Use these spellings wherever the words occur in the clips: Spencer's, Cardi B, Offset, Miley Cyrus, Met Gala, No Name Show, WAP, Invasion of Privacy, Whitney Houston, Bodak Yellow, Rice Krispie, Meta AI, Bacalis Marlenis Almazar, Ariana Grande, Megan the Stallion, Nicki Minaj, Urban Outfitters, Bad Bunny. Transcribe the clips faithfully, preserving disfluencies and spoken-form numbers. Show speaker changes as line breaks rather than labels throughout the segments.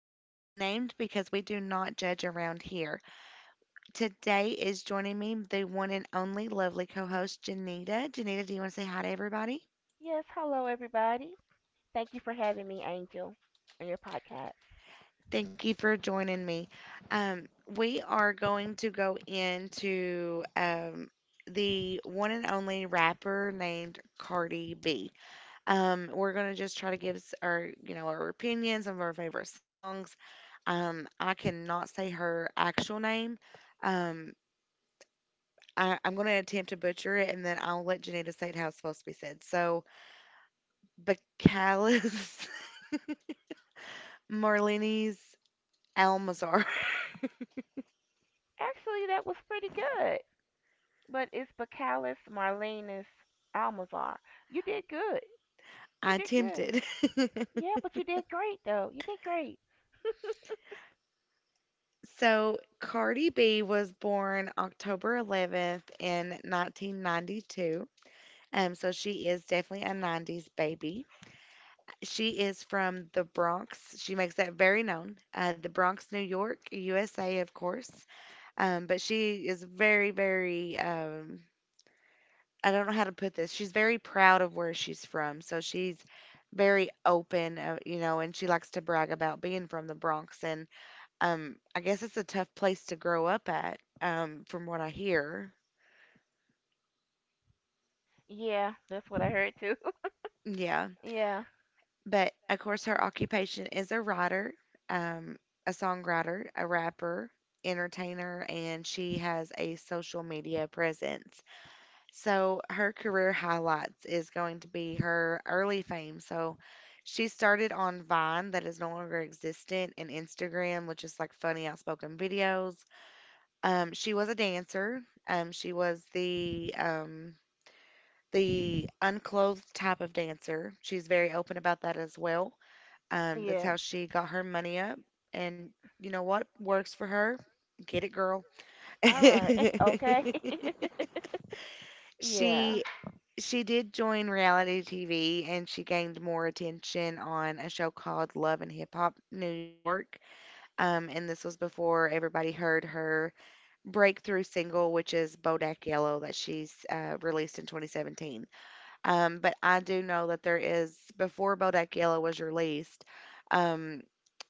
We are unnamed because we do not judge around here. Today is joining me the one and only lovely co host, Janita. Janita, do you want to say hi to everybody?
Yes, hello everybody. Thank you for having me, Angel, on your podcast.
Thank you for joining me. Um, we are going to go into um, the one and only rapper named Cardi B. Um, we're gonna just try to give s- our, you know, our opinions some of our favorite songs. Um, I cannot say her actual name. Um, I, I'm gonna attempt to butcher it, and then I'll let Janita say it how it's supposed to be said. So, Bacalis Marlinis Almazar.
Actually, that was pretty good. But it's Bacalis Marlenis Almazar. You did good. You
I
did good.
attempted.
Yeah, but you did great though. You did great.
So, Cardi B was born October eleventh in nineteen ninety-two. Um, so she is definitely a nineties baby. She is from the Bronx. She makes that very known. Uh, the Bronx, New York, U S A, of course. Um, but she is very, very, um, I don't know how to put this. She's very proud of where she's from. So she's very open, uh, you know, and she likes to brag about being from the Bronx. And um, I guess it's a tough place to grow up at, um, from what I hear.
Yeah, that's what I heard too.
Yeah.
Yeah.
But of course, her occupation is a writer, um, a songwriter, a rapper, entertainer, and she has a social media presence. So her career highlights is going to be her early fame. So she started on Vine, that is no longer existent, and Instagram, which is like funny outspoken videos. Um, she was a dancer. Um, she was the um, The unclothed type of dancer. She's very open about that as well. Um, that's
Yes.
how she got her money up. And you know what works for her? Get it, girl.
All right. Okay. Yeah.
she she did join reality T V and she gained more attention on a show called Love and Hip Hop New York. Um, and this was before everybody heard her breakthrough single, which is Bodak Yellow, that she's uh, released in twenty seventeen. Um, but I do know that there is before Bodak Yellow was released. Um,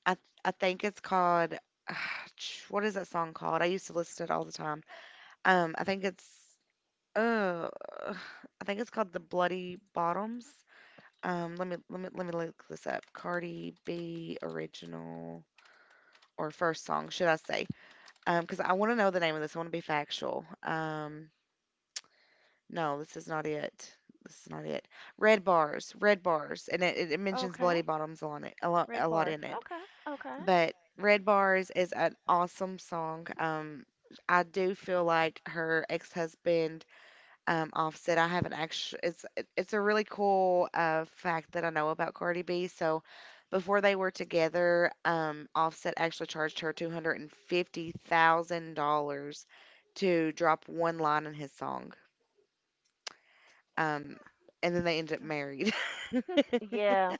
I I think it's called ch- what is that song called? I used to listen to it all the time. Um, I think it's uh, I think it's called the Bloody Bottoms. Um, let me let me let me look this up. Cardi B original or first song, should I say? Um, because I want to know the name of this. I want to be factual. Um, no, this is not it. This is not it. Red bars, red bars, and it, it it mentions
Okay.
bloody bottoms on it a lot,
Red
a lot
bars.
in it.
Okay. Okay.
But Red Bars is an awesome song. Um, I do feel like her ex-husband, um, Offset. I haven't actually. It's it- it's a really cool uh fact that I know about Cardi B. So, before they were together, um, Offset actually charged her two hundred and fifty thousand dollars to drop one line in his song. Um, and then they ended up married.
Yeah.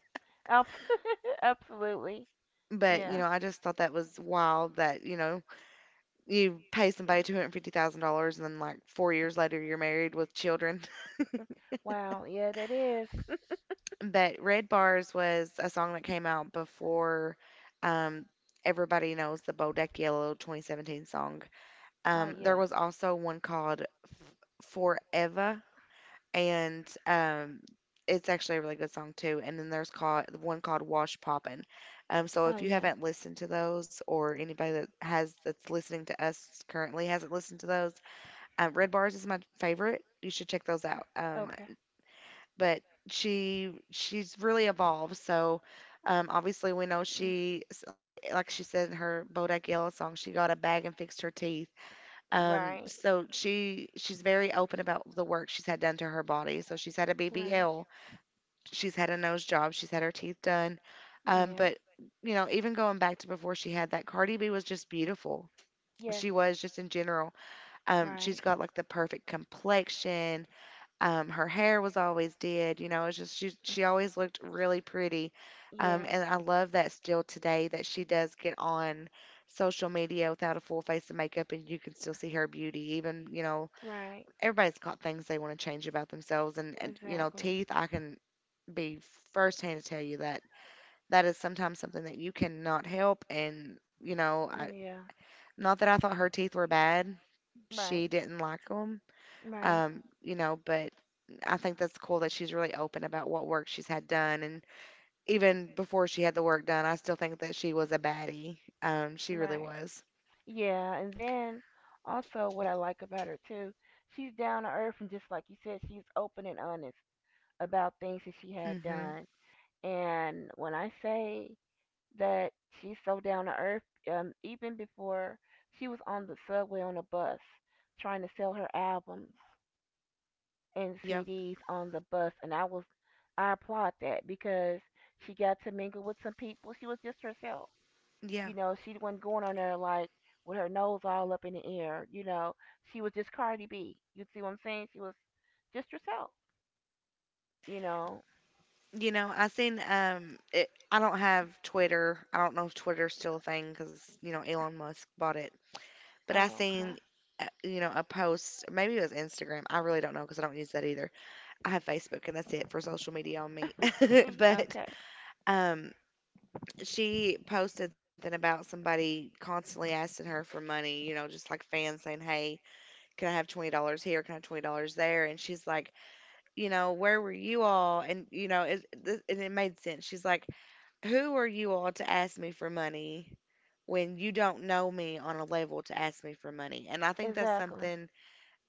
Abs- Absolutely.
but you
Yeah.
know, I just thought that was wild. That you know you pay somebody two hundred fifty thousand dollars and then like four years later you're married with children.
Wow. Yeah, that is.
But Red Bars was a song that came out before um everybody knows the Bodak Yellow twenty seventeen song.
Oh
Um there
yeah.
was also one called Forever and um it's actually a really good song too. And then there's called one called Wash Poppin'. Um, so
Oh
if you
yeah.
haven't listened to those, or anybody that has that's listening to us currently hasn't listened to those, Um, Red Bars is my favorite. You should check those out. Um,
Okay.
but she she's really evolved. So um, obviously we know
Yeah.
she s- like like she said in her Bodak Yellow song, she got a bag and fixed her teeth. Um,
Right.
so she she's very open about the work she's had done to her body. So she's had a
Right.
B B L, she's had a nose job, she's had her teeth done. Um,
Yeah.
but you know, even going back to before she had that, Cardi B was just beautiful.
Yes.
She was just in general. Um,
Right.
she's got like the perfect complexion. Um, her hair was always did, you know, it's just she she always looked really pretty. Um,
Yeah.
and I love that still today that she does get on social media without a full face of makeup and you can still see her beauty. Even, you know,
Right.
everybody's got things they want to change about themselves and, and you know,
Exactly.
teeth, I can be firsthand to tell you that that is sometimes something that you cannot help and, you know, I,
Yeah.
not that I thought her teeth were bad. She
Right.
didn't like 'em,
Right.
um, you know, but I think that's cool that she's really open about what work she's had done. And even before she had the work done, I still think that she was a baddie. Um, she really
Right.
was.
Yeah. And then also what I like about her too, she's down to earth, and just like you said, she's open and honest about things that she had
Mhm.
done. And when I say that, she's so down to earth. Um, even before, she was on the subway, on a bus trying to sell her albums and
Yep.
C Ds on the bus, and I was I applaud that because she got to mingle with some people. She was just herself.
Yeah.
You know, she wasn't going on there like with her nose all up in the air. You know, she was just Cardi B. You see what I'm saying? She was just herself. You know.
You know, I seen um it, I don't have Twitter. I don't know if Twitter's still a thing cuz you know Elon Musk bought it. But I
Oh, okay.
seen uh, you know a post, maybe it was Instagram. I really don't know cuz I don't use that either. I have Facebook and that's it for social media on me.
E,
but
Okay.
um she posted something about somebody constantly asking her for money, you know, just like fans saying, "Hey, can I have twenty dollars here? Can I have twenty dollars there?" And she's like, "You know, where were you all?" And, you know, it, th- and it made sense. She's like, "Who are you all to ask me for money when you don't know me on a level to ask me for money?" And I think that's
Exactly.
something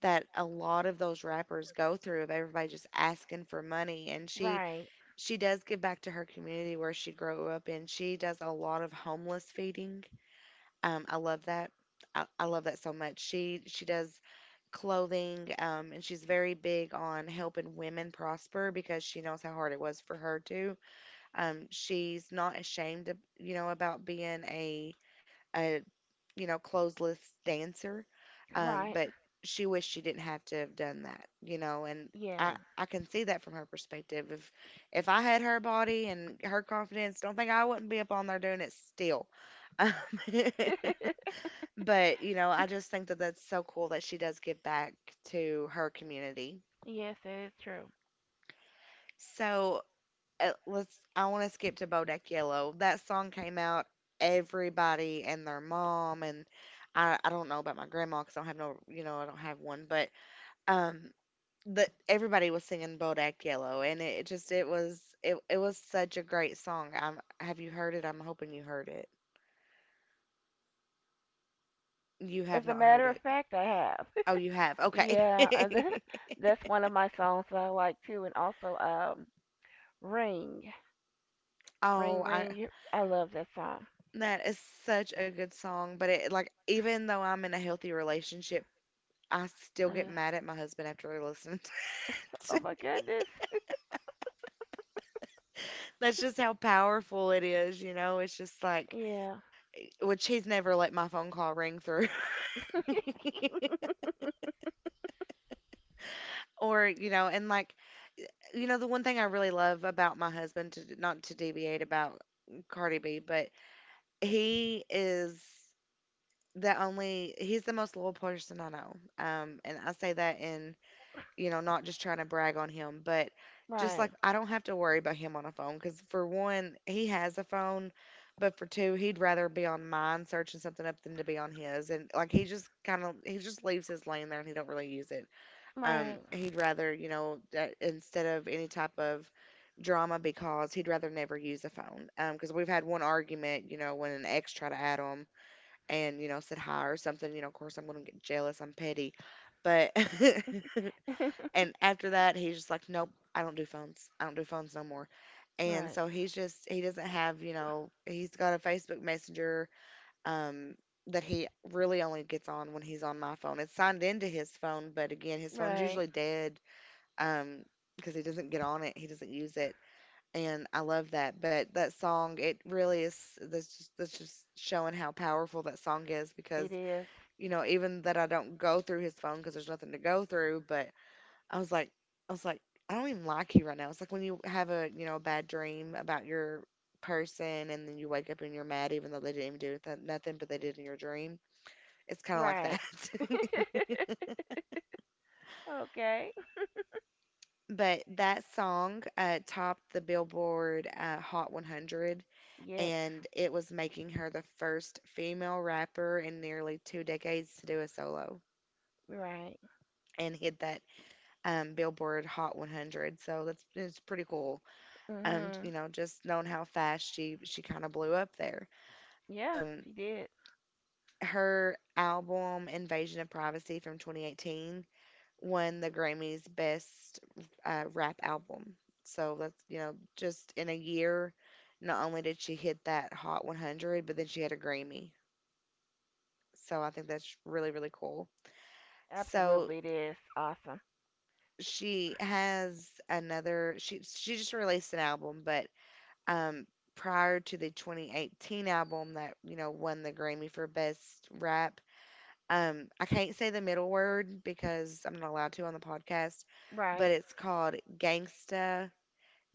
that a lot of those rappers go through of everybody just asking for money. And she
Right.
she does give back to her community where she grew up in. She does a lot of homeless feeding. Um, I love that. I, I love that so much. She she does clothing, um, and she's very big on helping women prosper because she knows how hard it was for her to. Um, she's not ashamed, of, you know, about being a, a you know, clothesless dancer. Um,
Right.
but she wished she didn't have to have done that, you know, and I,
Yeah.
I can see that from her perspective. If if I had her body and her confidence, don't think I wouldn't be up on there doing it still. Um, but you know, I just think that that's so cool that she does give back to her community.
Yes, that is true.
So uh, let's I want to skip to Bodak Yellow. That song came out everybody and their mom and I I don't know about my grandma cuz I don't have no you know I don't have one but um that everybody was singing Bodak Yellow and it, it just it was it it was such a great song. I'm have you heard it? I'm hoping you heard it. You have
As a
not heard
matter of
it.
fact, I have.
Oh, you have. Okay.
yeah, uh, that, that's one of my songs that I like too, and also um, "Ring, Ring,
oh, I
Ring." you- I love that song.
That is such a good song, but it like even though I'm in a healthy relationship I still get
Uh,
mad at my husband after I listen to
oh
it.
my goodness.
That's just how powerful it is, you know? It's just like,
Yeah.
which he's never let my phone call ring through. or, you know, and like, you know, The one thing I really love about my husband, to not to deviate about Cardi B, but he is the only, he's the most loyal person I know. Um, and I say that in you know, not just trying to brag on him, but just
Right.
like I don't have to worry about him on a phone because for one, he has a phone, but for two, he'd rather be on mine searching something up than to be on his. And like he just kind of he just leaves his laying there and he don't really use it. Um,
Right.
he'd rather you know that instead of any type of drama because he'd rather never use a phone. Um, because we've had one argument, you know, when an ex tried to add him and you know said hi or something. You know, of course I'm gonna get jealous. I'm petty, but. And after that, he's just like, nope, I don't do phones. I don't do phones no more. And
Right.
so he's just, he doesn't have, you know, he's got a Facebook Messenger um, that he really only gets on when he's on my phone. It's signed into his phone, but again, his phone's
Right.
usually dead um, because he doesn't get on it. He doesn't use it. And I love that. But that song, it really is, that's just, that's just showing how powerful that song is
It
because,
is.
you know, even that I don't go through his phone because there's nothing to go through, but I was like, I was like, I don't even like you right now. It's like when you have a, you know, a bad dream about your person and then you wake up and you're mad even though they didn't even do th- nothing, but they did in your dream. It's kind of like
Right.
that.
Okay.
But that song uh, topped the Billboard uh, Hot one hundred,
Yes.
and it was making her the first female rapper in nearly two decades to do a solo
Right.
and hit that um, Billboard Hot one hundred. So that's it's pretty cool. Um, you
Mhm.
know, just known how fast she she kind of blew up there.
Yeah,
Um,
she did.
Her album Invasion of Privacy from twenty eighteen won the Grammys Best uh, Rap Album. So that's, you know, just in a year, not only did she hit that Hot one hundred, but then she had a Grammy. So I think that's really really cool. So
Absolutely, it is awesome.
she has another she she just released an album, but um, prior to the twenty eighteen album that you know won the Grammy for Best Rap. Um, I can't say the middle word because I'm not allowed to on the podcast, but
Right.
it's called Gangsta.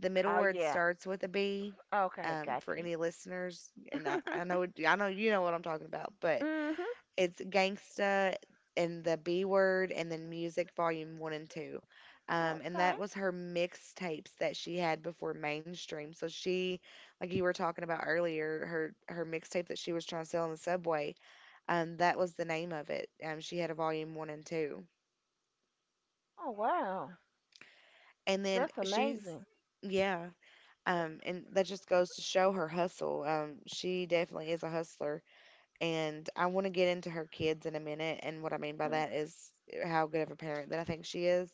The middle
Oh
word
yeah.
starts with a B.
Okay,
Um,
got
for
you.
any listeners, and I, I know I know you know what I'm talking about, but
Mhm.
it's Gangsta and the B Word and then Music Volume one and two. Um, and
Okay.
that was her mixtapes that she had before mainstream. So she, like you were talking about earlier, her her mixtape that she was trying to sell on the subway, um, that was the name of it. Um, she had a volume one and two.
Oh wow,
And then
that's
she's,
amazing.
yeah, um, and that just goes to show her hustle. Um, she definitely is a hustler. And I want to get into her kids in a minute. And what I mean by
Mm.
that is eh, how good of a parent that I think she is.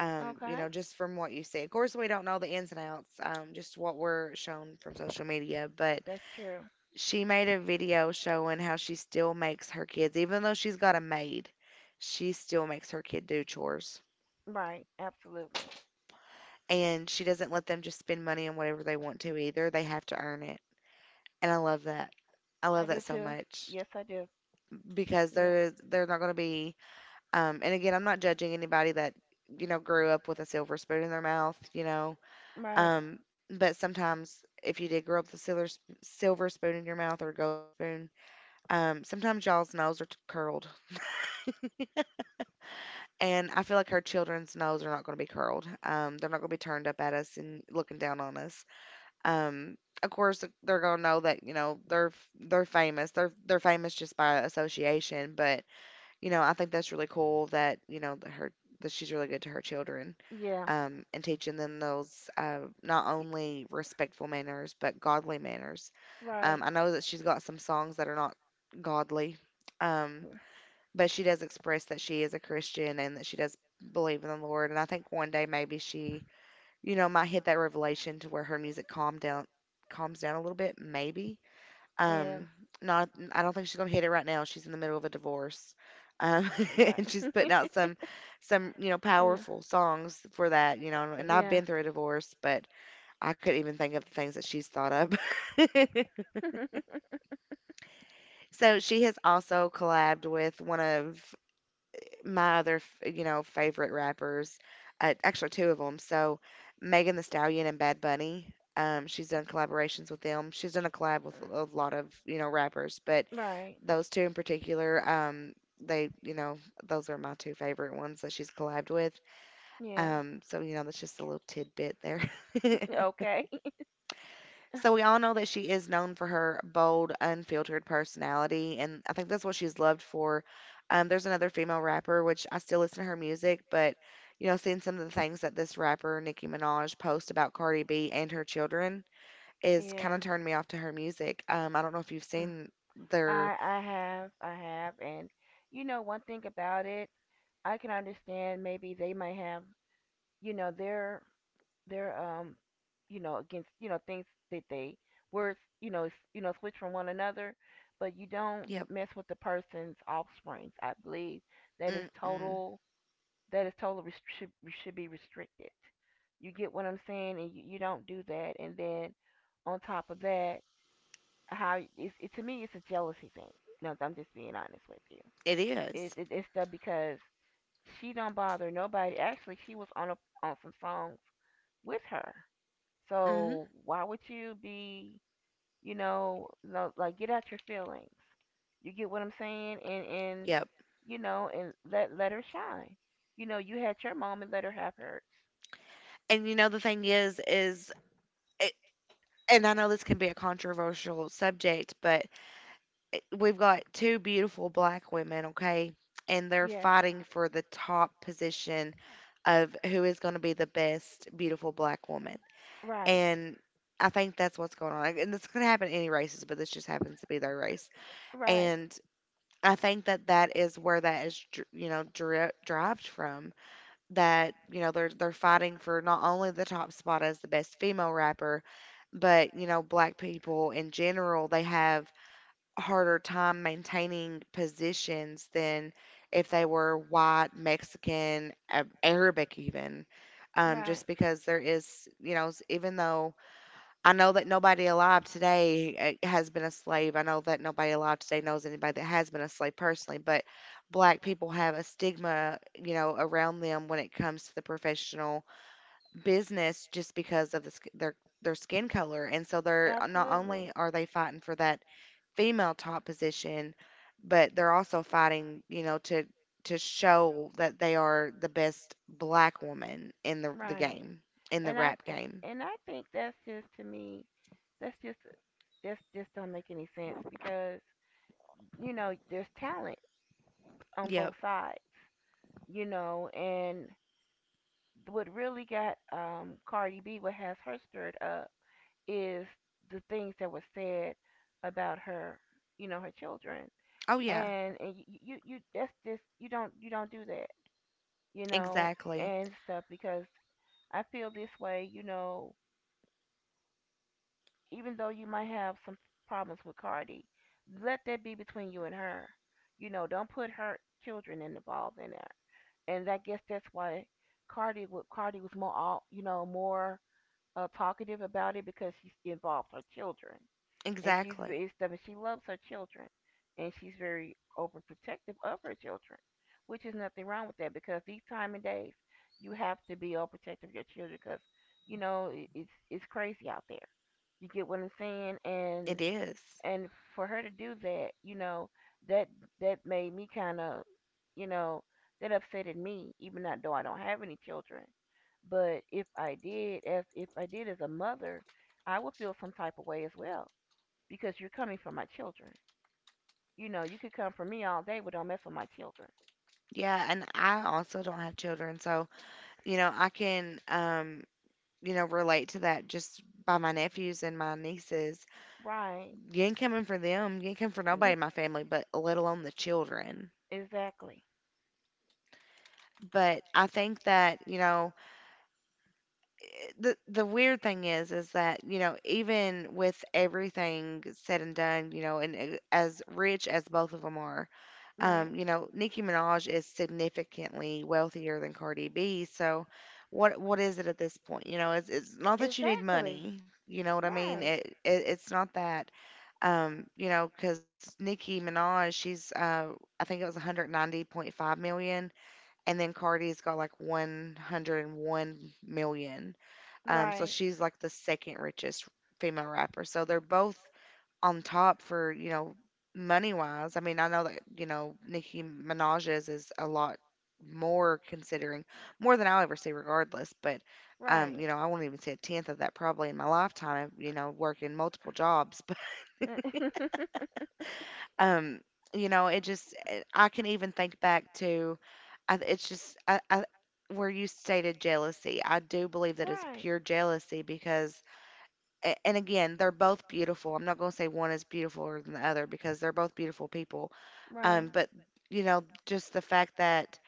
Um, you
Okay,
know, just from what you see. Of course, we don't know the ins and outs, um, just what we're shown from social media. But
that's true.
she made a video showing how she still makes her kids, even though she's got a maid, she still makes her kid do chores.
Right, absolutely.
And she doesn't let them just spend money on whatever they want to either. They have to earn it. And I love that. I
I
love
do
that so
too.
much
Yes, I do.
because
Yeah.
they're they're not going to be. Um, and again, I'm not judging anybody that, you know, grew up with a silver spoon in their mouth, you know.
Right.
Um, but sometimes if you did grow up with a silver, sp- silver spoon in your mouth or gold spoon, um, sometimes y'all's nose are t- curled. And I feel like her children's nose are not going to be curled. Um, they're not going to be turned up at us and looking down on us. Um, of course, they're going to know that, you know, they're f- they're famous. They're they're famous just by association, but you know, I think that's really cool that, you know, that her that she's really good to her children,
Yeah.
um, and teaching them those uh, not
Y-
only respectful manners but godly manners. Um,
Right.
I know that she's got some songs that are not godly, um, but she does express that she is a Christian and that she does believe in the Lord. And I think one day maybe she, you know, might hit that revelation to where her music calm down, calms down a little bit, maybe.
Yeah.
Um, not I don't think she's gonna hit it right now. She's in the middle of a divorce. Um,
Right.
and she's putting out some some, you know,
Yeah.
powerful songs for that, you know, and I've
Yeah.
been through a divorce, but I couldn't even think of the things that she's thought up. So she has also collabed with one of my other, f- you know, favorite rappers, uh, actually two of them. So Megan the Stallion and Bad Bunny. Um, she's done collaborations with them. She's done a collab with a a lot of, you know, rappers, but
Right.
those two in particular, um, they, you know, those are my two favorite ones that she's collabed with.
Yeah.
Um, so you know, that's just a little tidbit there.
Okay.
So we all know that she is known for her bold, unfiltered personality, and I think that's what she's loved for. Um, there's another female rapper, which I still listen to her music, but you know, seeing some of the things that this rapper Nicki Minaj posts about Cardi B and her children is kind
Yeah.
of turned me off to her music. Um, I don't know if you've
Mm.
seen their.
I I have I have And you know, one thing about it, I can understand. Maybe they might have, you know, their... They're um you know, against, you know, things that they... words, you know, s- you know, switch from one another. But you don't
Yep.
mess with the person's offsprings. I believe that is
Mm-mm.
total, that is total rest- should, should be restricted. You get what I'm saying? And you, you don't do that. And then on top of that, how it's, it, to me, it's a jealousy thing. No, I'm just being honest with you.
It
It,
is.
it, it's the, because she don't bother nobody. Actually, she was on a, on some songs with her.
Mm-hmm.
So why would you be, you know, lo- like, get out your feelings? You get what I'm saying, and and
Yep.
you know, and let let her shine. You know, you had your moment. Let her have hers.
And you know, the thing is, is it, and I know this can be a controversial subject, but we've got two beautiful black women, okay? And they're
Yes,
fighting for the top position of who is going to be the best beautiful black woman.
right,
And I think that's what's going on. And this could happen in any races, but this just happens to be their race.
right,
And I think that that is where that is, dr- you know, dri- derived from. That you know they're they're fighting for not only the top spot as the best female rapper, but you know black people in general. They have harder time maintaining positions than if they were white, Mexican, Ab- Arabic, even. Um,
right.
just because there is, you know, s- even though I know that nobody alive today uh, has been a slave, I know that nobody alive today knows anybody that has been a slave personally, but black people have a stigma, you know, around them when it comes to the professional business just because of the, sk- their their skin color. And so they're uh, not
Absolutely,
only are they fighting for that female top position, but they're also fighting, you know, to to show that they are the best black woman in the the
right.
game, in the
And I
rap
th-
game.
and I think that's just, to me, that's just, that's just don't make any sense because, you know, there's talent on
Yep.
both sides, you know. And what really got um, Cardi B, what has her stirred up, is the things that were said about her, you know, her children.
Oh yeah.
and and you you, you, that's just, you don't, you don't do that, you know,
Exactly.
and stuff. Because I feel this way, you know, even though you might have some problems with Cardi, let that be between you and her. You know, don't put her children involved in there. And I guess that's why Cardi wa- Cardi was more, all you know, more uh, talkative about it because she's involved her children. And she's ve-
Exactly.
it's, I mean, she loves her children, and she's very overprotective of her children, which is nothing wrong with that, because these time and days, you have to be overprotective of your children because, you know, it, it's it's crazy out there. You get what I'm saying?
It
and
is.
and for her to do that, you know, that, that made me kind of, you know, that upsetted me, even not though I don't have any children. But if I did, as if I did as a mother, I would feel some type of way as well because you're coming for my children. You know, you could come for me all day, but don't mess with my children,
Yeah, and I also don't have children, so you know, I can um, you know, relate to that just by my nephews and my nieces.
right?
You ain't coming for them, you ain't coming for nobody
N-
in my family, but let alone the children.
Exactly,
But I think that, you know, eh, the the weird thing is is that you know even with everything said and done you know and uh, as rich as both of them are
right?
um you know Nicki Minaj is significantly wealthier than Cardi B, so what what is it at this point, you know? it's it's not that you need
Exactly,
money, you know what I mean?
right,
it, it it's not that. Um you know, cuz Nicki Minaj, she's uh I think it was one hundred ninety point five million, and then Cardi's got like one hundred one million, um, so
right,
she's like the second richest female rapper. So they're both on top for, you know, money wise. I mean, I know that, you know, Nicki Minaj's is a lot more considering more than I'll ever see regardless, but um,
right.
you know, I won't even see a tenth of that probably in my lifetime, you know, working multiple jobs. But um, you know, it just it- I can even think back to I, it's just I, I where you stated jealousy. I do believe that it's
Right.
pure jealousy because a- and again, they're both beautiful. I'm not going to say one is beautifuler than the other because they're both beautiful people.
Right.
Um, but you know, just the fact that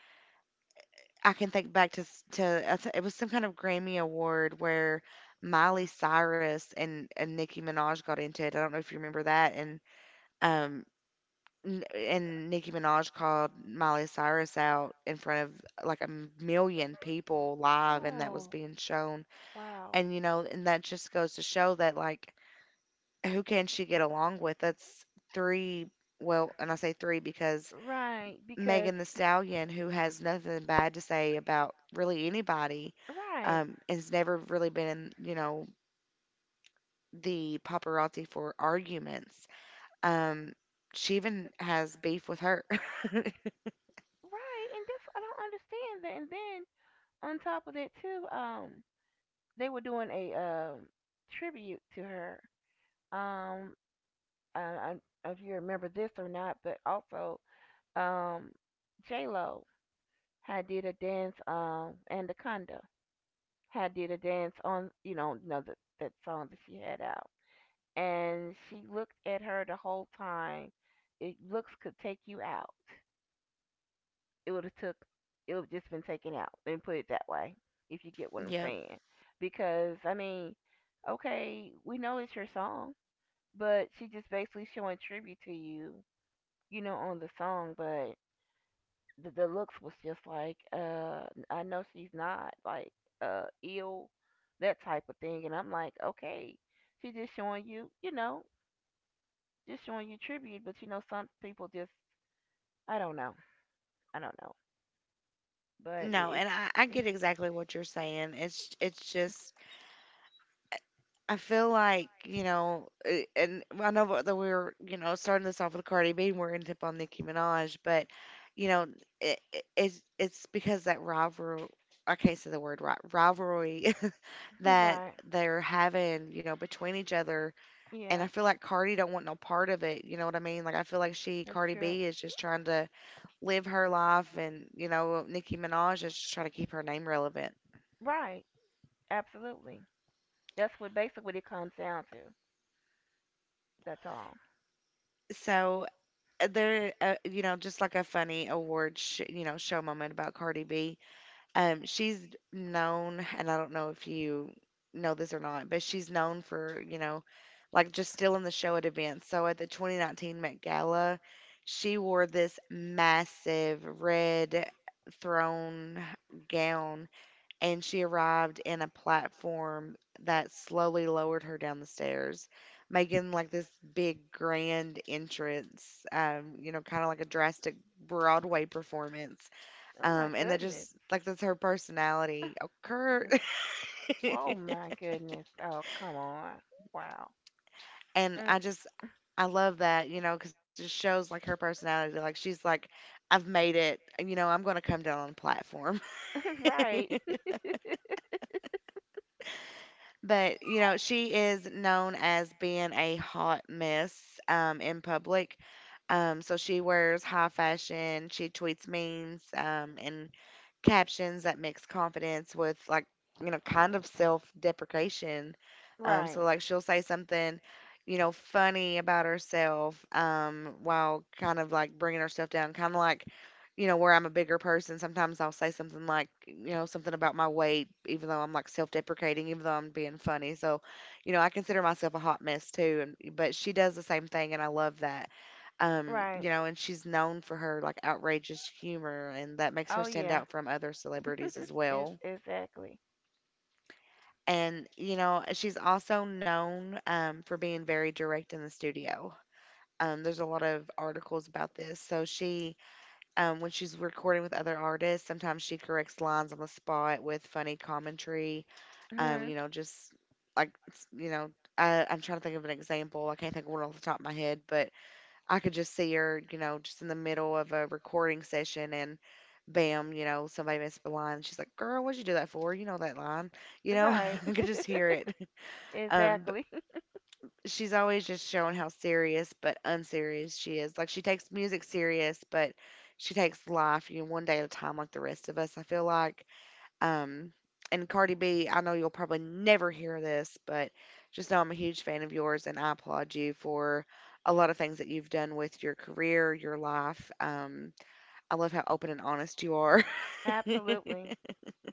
I can think back to s- to I th- it was some kind of Grammy award where Miley Cyrus and and Nicki Minaj got into it. I don't know if you remember that. And um n- and Nicki Minaj called Miley Cyrus out in front of like a million people live, and that was
Oh,
being shown.
wow.
And you know, and that just goes to show that like who can she get along with? That's three. Well, and I say three because
Right, because
Megan the Stallion, who has nothing bad to say about really anybody,
right,
um, has never really been in, you know, the paparazzi for arguments. Um, she even has beef with her.
right, and that's, I don't understand that. And then on top of that too, um, they were doing a um tribute to her. Um, I, I I don't know if you remember this or not, but also um, J Lo had did a dance, um Anaconda had did a dance on, you know, you know, the, that song that she had out. And she looked at her the whole time. It looks could take you out. It would have took. It would have just been taken out. Let me put it that way, if you get what I'm
Yep.
saying. Because I mean, okay, we know it's your song, but she just basically showing tribute to you, you know, on the song. But the, the looks was just like, uh, I know she's not like uh ill, that type of thing. And I'm like, okay, she's just showing you, you know, just showing you tribute. But you know, some people just, I don't know. I don't know. But
No,
it-
and I, I
it's
get exactly what you're saying. It's it's just I feel like, you know, uh, and I know what that we are you know, starting this off with Cardi B and we're ending up on Nicki Minaj, but, you know, it, it, it's it's because that rivalry, I can't say the word ri- rivalry that
right.
they're having, you know, between each other. And
Yeah,
I feel like Cardi don't want no part of it. You know what I mean? Like, I feel like she,
that's
Cardi
true.
B, is just trying to live her life and, you know, Nicki Minaj is just trying to keep her name relevant.
Right. Absolutely. That's what basically what it comes down to. That's all.
So there, uh, you know, just like a funny award, sh- you know, show moment about Cardi B. Um, she's known, and I don't know if you know this or not, but she's known for, you know, like just stealing the show at events. So at the twenty nineteen Met Gala, she wore this massive red thrown gown and she arrived in a platform that slowly lowered her down the stairs, making like this big grand entrance, um, you know, kind of like a drastic Broadway performance.
Oh my
Um, and that
goodness.
just like that's her personality. Oh, Kurt.
Oh my goodness. Oh come on. Wow.
and
Mm.
I just I love that, you know, because it just shows like her personality. Like she's like, I've made it. You know, I'm gonna come down on a platform.
Right.
But, you know, she is known as being a hot mess um, in public. Um, so she wears high fashion, she tweets memes, um, and captions that mix confidence with like you know kind of self-deprecation. Um, so
Right.
like she'll say something, you know, funny about herself, um, while kind of like bringing herself down, kind of like you know where I'm a bigger person. Sometimes I'll say something like you know something about my weight, even though I'm like self-deprecating, even though I'm being funny. So, you know, I consider myself a hot mess too. And, but she does the same thing, and I love that, um you
Right.
know and she's known for her like outrageous humor, and that makes her
Oh
stand
yeah.
out from other celebrities as
It's
well.
exactly.
And you know she's also known, um, for being very direct in the studio. Um, there's a lot of articles about this. So she um, when she's recording with other artists, sometimes she corrects lines on the spot with funny commentary. Um,
Mhm.
you know just Like s- you know I, i'm trying to think of an example. I can't think of one off the top of my head, but I could just see her, you know, just in the middle of a recording session, and bam, you know, somebody missed the line. She's like, "Girl, what'd you do that for? You know that line." You know,
Right.
I could just hear it. Um, but
Exactly.
she's always just showing how serious but unserious she is. Like she takes music serious, but she takes life, you know, one day at a time like the rest of us, I feel like. Um, and Cardi B, I know you'll probably never hear this, but just know I'm a huge fan of yours and I applaud you for a lot of things that you've done with your career, your life. Um, I love how open and honest you are.
Absolutely.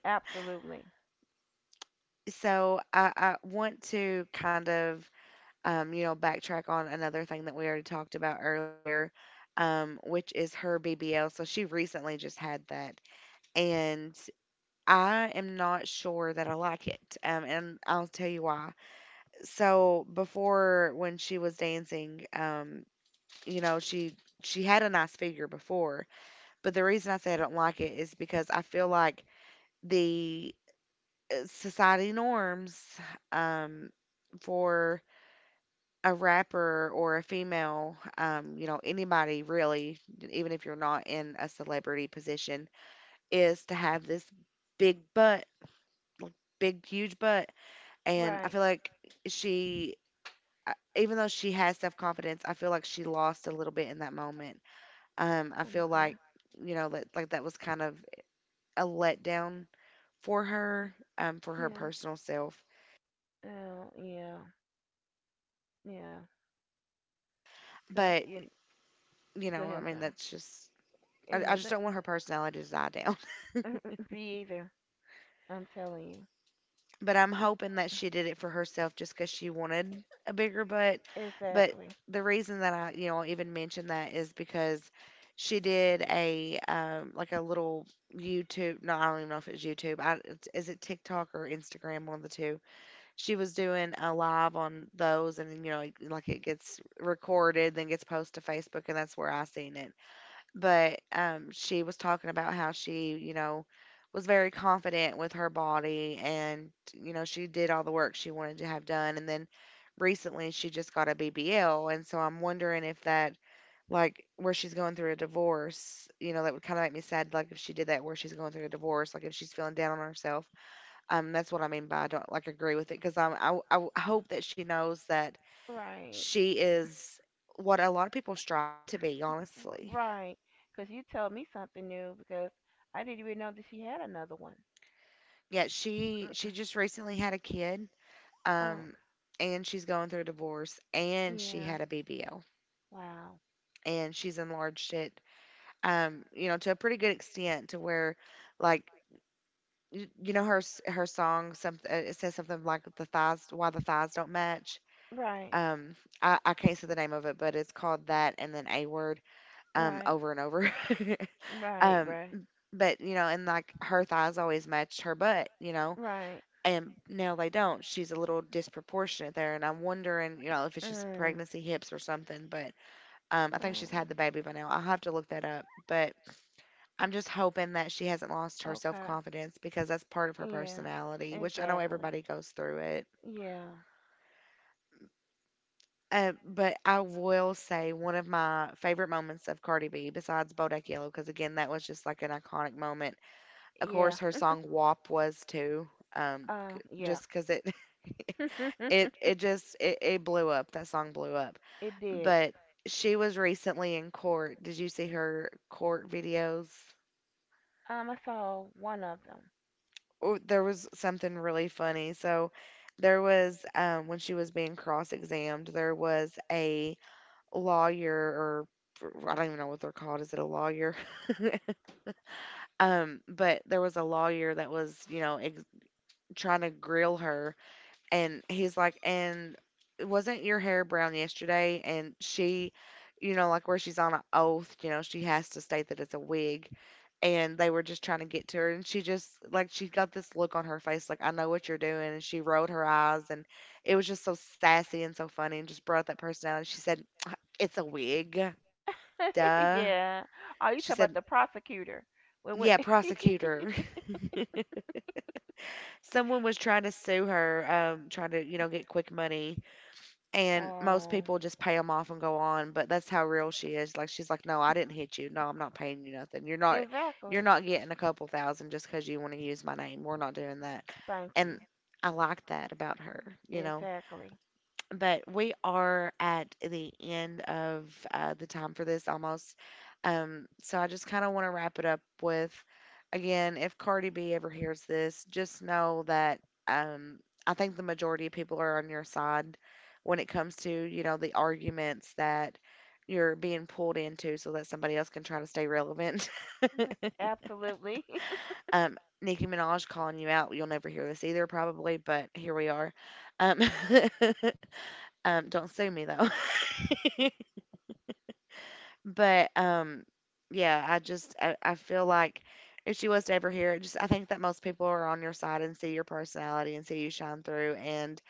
Absolutely.
So I, I want to kind of, um, you know, backtrack on another thing that we already talked about earlier, um, which is her B B L. So she recently just had that, and I am not sure that I like it. Um, and I'll tell you why. So before when she was dancing, um you know she she had a nice figure before, but the reason I say I don't like it is because I feel like the uh, society norms um for a rapper or a female, um you know anybody really, even if you're not in a celebrity position, is to have this big butt, like big huge butt. And I
Right.
feel like she I- even though she has self confidence, I feel like she lost a little bit in that moment. Um, I feel
Okay.
like, you know, like, like that was kind of a letdown for her, um, for her
Yeah.
personal self.
Oh, yeah. Yeah. Cause
But,
you
you
go
know, I
ahead,
mean,
sir.
that's just I,
Yeah.
I just don't want her personality to die down.
That be either. I'm telling
But I'm
you.
hoping that she did it for herself just because she wanted a bigger butt. But
Exactly.
the reason that I, you know, even mentioned that is because she did a um, like a little YouTube. No, I don't even know if it's YouTube. I, it's- is it TikTok or Instagram? One of the two. She was doing a live on those, and you know, like like it gets recorded, then gets posted to Facebook, and that's where I seen it. But um, she was talking about how she, you know, was very confident with her body and, you know, she did all the work she wanted to have done. And then recently she just got a B B L. And so I'm wondering if that, like, where she's going through a divorce, you know, that would kind of make me sad, like, if she did that where she's going through a divorce, like, if she's feeling down on herself. Um, that's what I mean by I don't, like, agree with it, because I'm, I, I w- hope that she knows that
Right.
she is what a lot of people strive to be,
R-
honestly.
right. Cause you told me something new because I didn't even know that she had another one.
Yeah, she
R-
she just recently had a kid,
Oh.
um, and she's going through a divorce, and she
Yeah.
had a B B L,
Wow.
and she's enlarged it, um, you know, to a pretty good extent, to where, like, y- you know, her s- her song, some uh, it says something like the thighs, why the thighs don't match.
Right.
Um, I, I can't say the name of it, but it's called that, and then a word, um,
Right.
over and over.
Right.
um,
Right.
but you know, and like her thighs always matched her butt, you know.
Right.
And now they don't. She's a little disproportionate there, and I'm wondering, you know, if it's just
Mm.
pregnancy hips or something. But um, I think she's
Oh.
had the baby by now. I'll have to look that up. But I'm just hoping that she hasn't lost her self
Okay.
confidence, because that's part of her
Yeah.
personality, which I know
Exactly.
everybody goes through it.
Yeah.
Um, but I will say one of my favorite moments of Cardi B, besides Bodak Yellow, because again, that was just like an iconic moment. Of course,
Yeah.
her song WAP was too, um, c-
Uh. Yeah.
just because it It
It
it just it, it blew up. That song blew up.
did.
But she was recently in court. Did you see her court videos?
Um. I saw one of them.
Oh, there was something really funny. So there was, um, when she was being cross-examined, there was a lawyer, or I don't even know what they're called. Is it a lawyer? Um, but there was a lawyer that was, you know, ex- trying to grill her, and he's like, and wasn't your hair brown yesterday? And she, you know, like where she's on an oath, you know, she has to state that it's a wig. And they were just trying to get to her, and she just like she got this look on her face, like I know what you're doing, and she rolled her eyes, and it was just so sassy and so funny, and just brought that personality. She said, "It's a wig, duh."
Yeah. Oh, you
She
talk
said,
about the prosecutor when when.
"Yeah, prosecutor." Someone was trying to sue her, um, trying to, you know get quick money. And most
Oh.
people just pay them off and go on, but that's how real she is. Like she's like, "No, I didn't hit you. No, I'm not paying you nothing. You're not you're
Exactly.
not getting a couple thousand just because you want to use my name. We're not doing that."
Thank you.
And I like that about her, you know.
Exactly.
But we are at the end of uh, the time for this almost. Um, so I just kind of want to wrap it up with, again, if Cardi B ever hears this, just know that um, I think the majority of people are on your side when it comes to, you know, the arguments that you're being pulled into so that somebody else can try to stay relevant.
Absolutely.
um, Nicki Minaj calling you out. You'll never hear this either, probably, but here we are. Um, um, don't sue me though. But um, yeah, I just I, I feel like if she was to ever hear it, just I think that most people are on your side and see your personality and see you shine through. And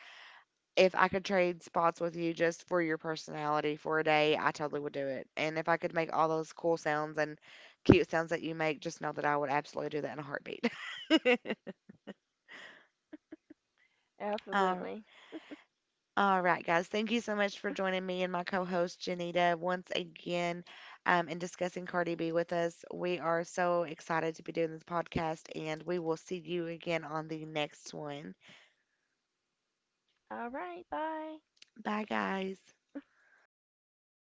if I could trade spots with you just for your personality for a day, I totally would do it. And if I could make all those cool sounds and cute sounds that you make, just know that I would absolutely do that in a heartbeat. Uh,
Absolutely.
All right, guys. Thank you so much for joining me and my co host, Janita, once again, um, and discussing Cardi B with us. We are so excited to be doing this podcast, and we will see you again on the next one.
All right. Bye.
Bye, guys.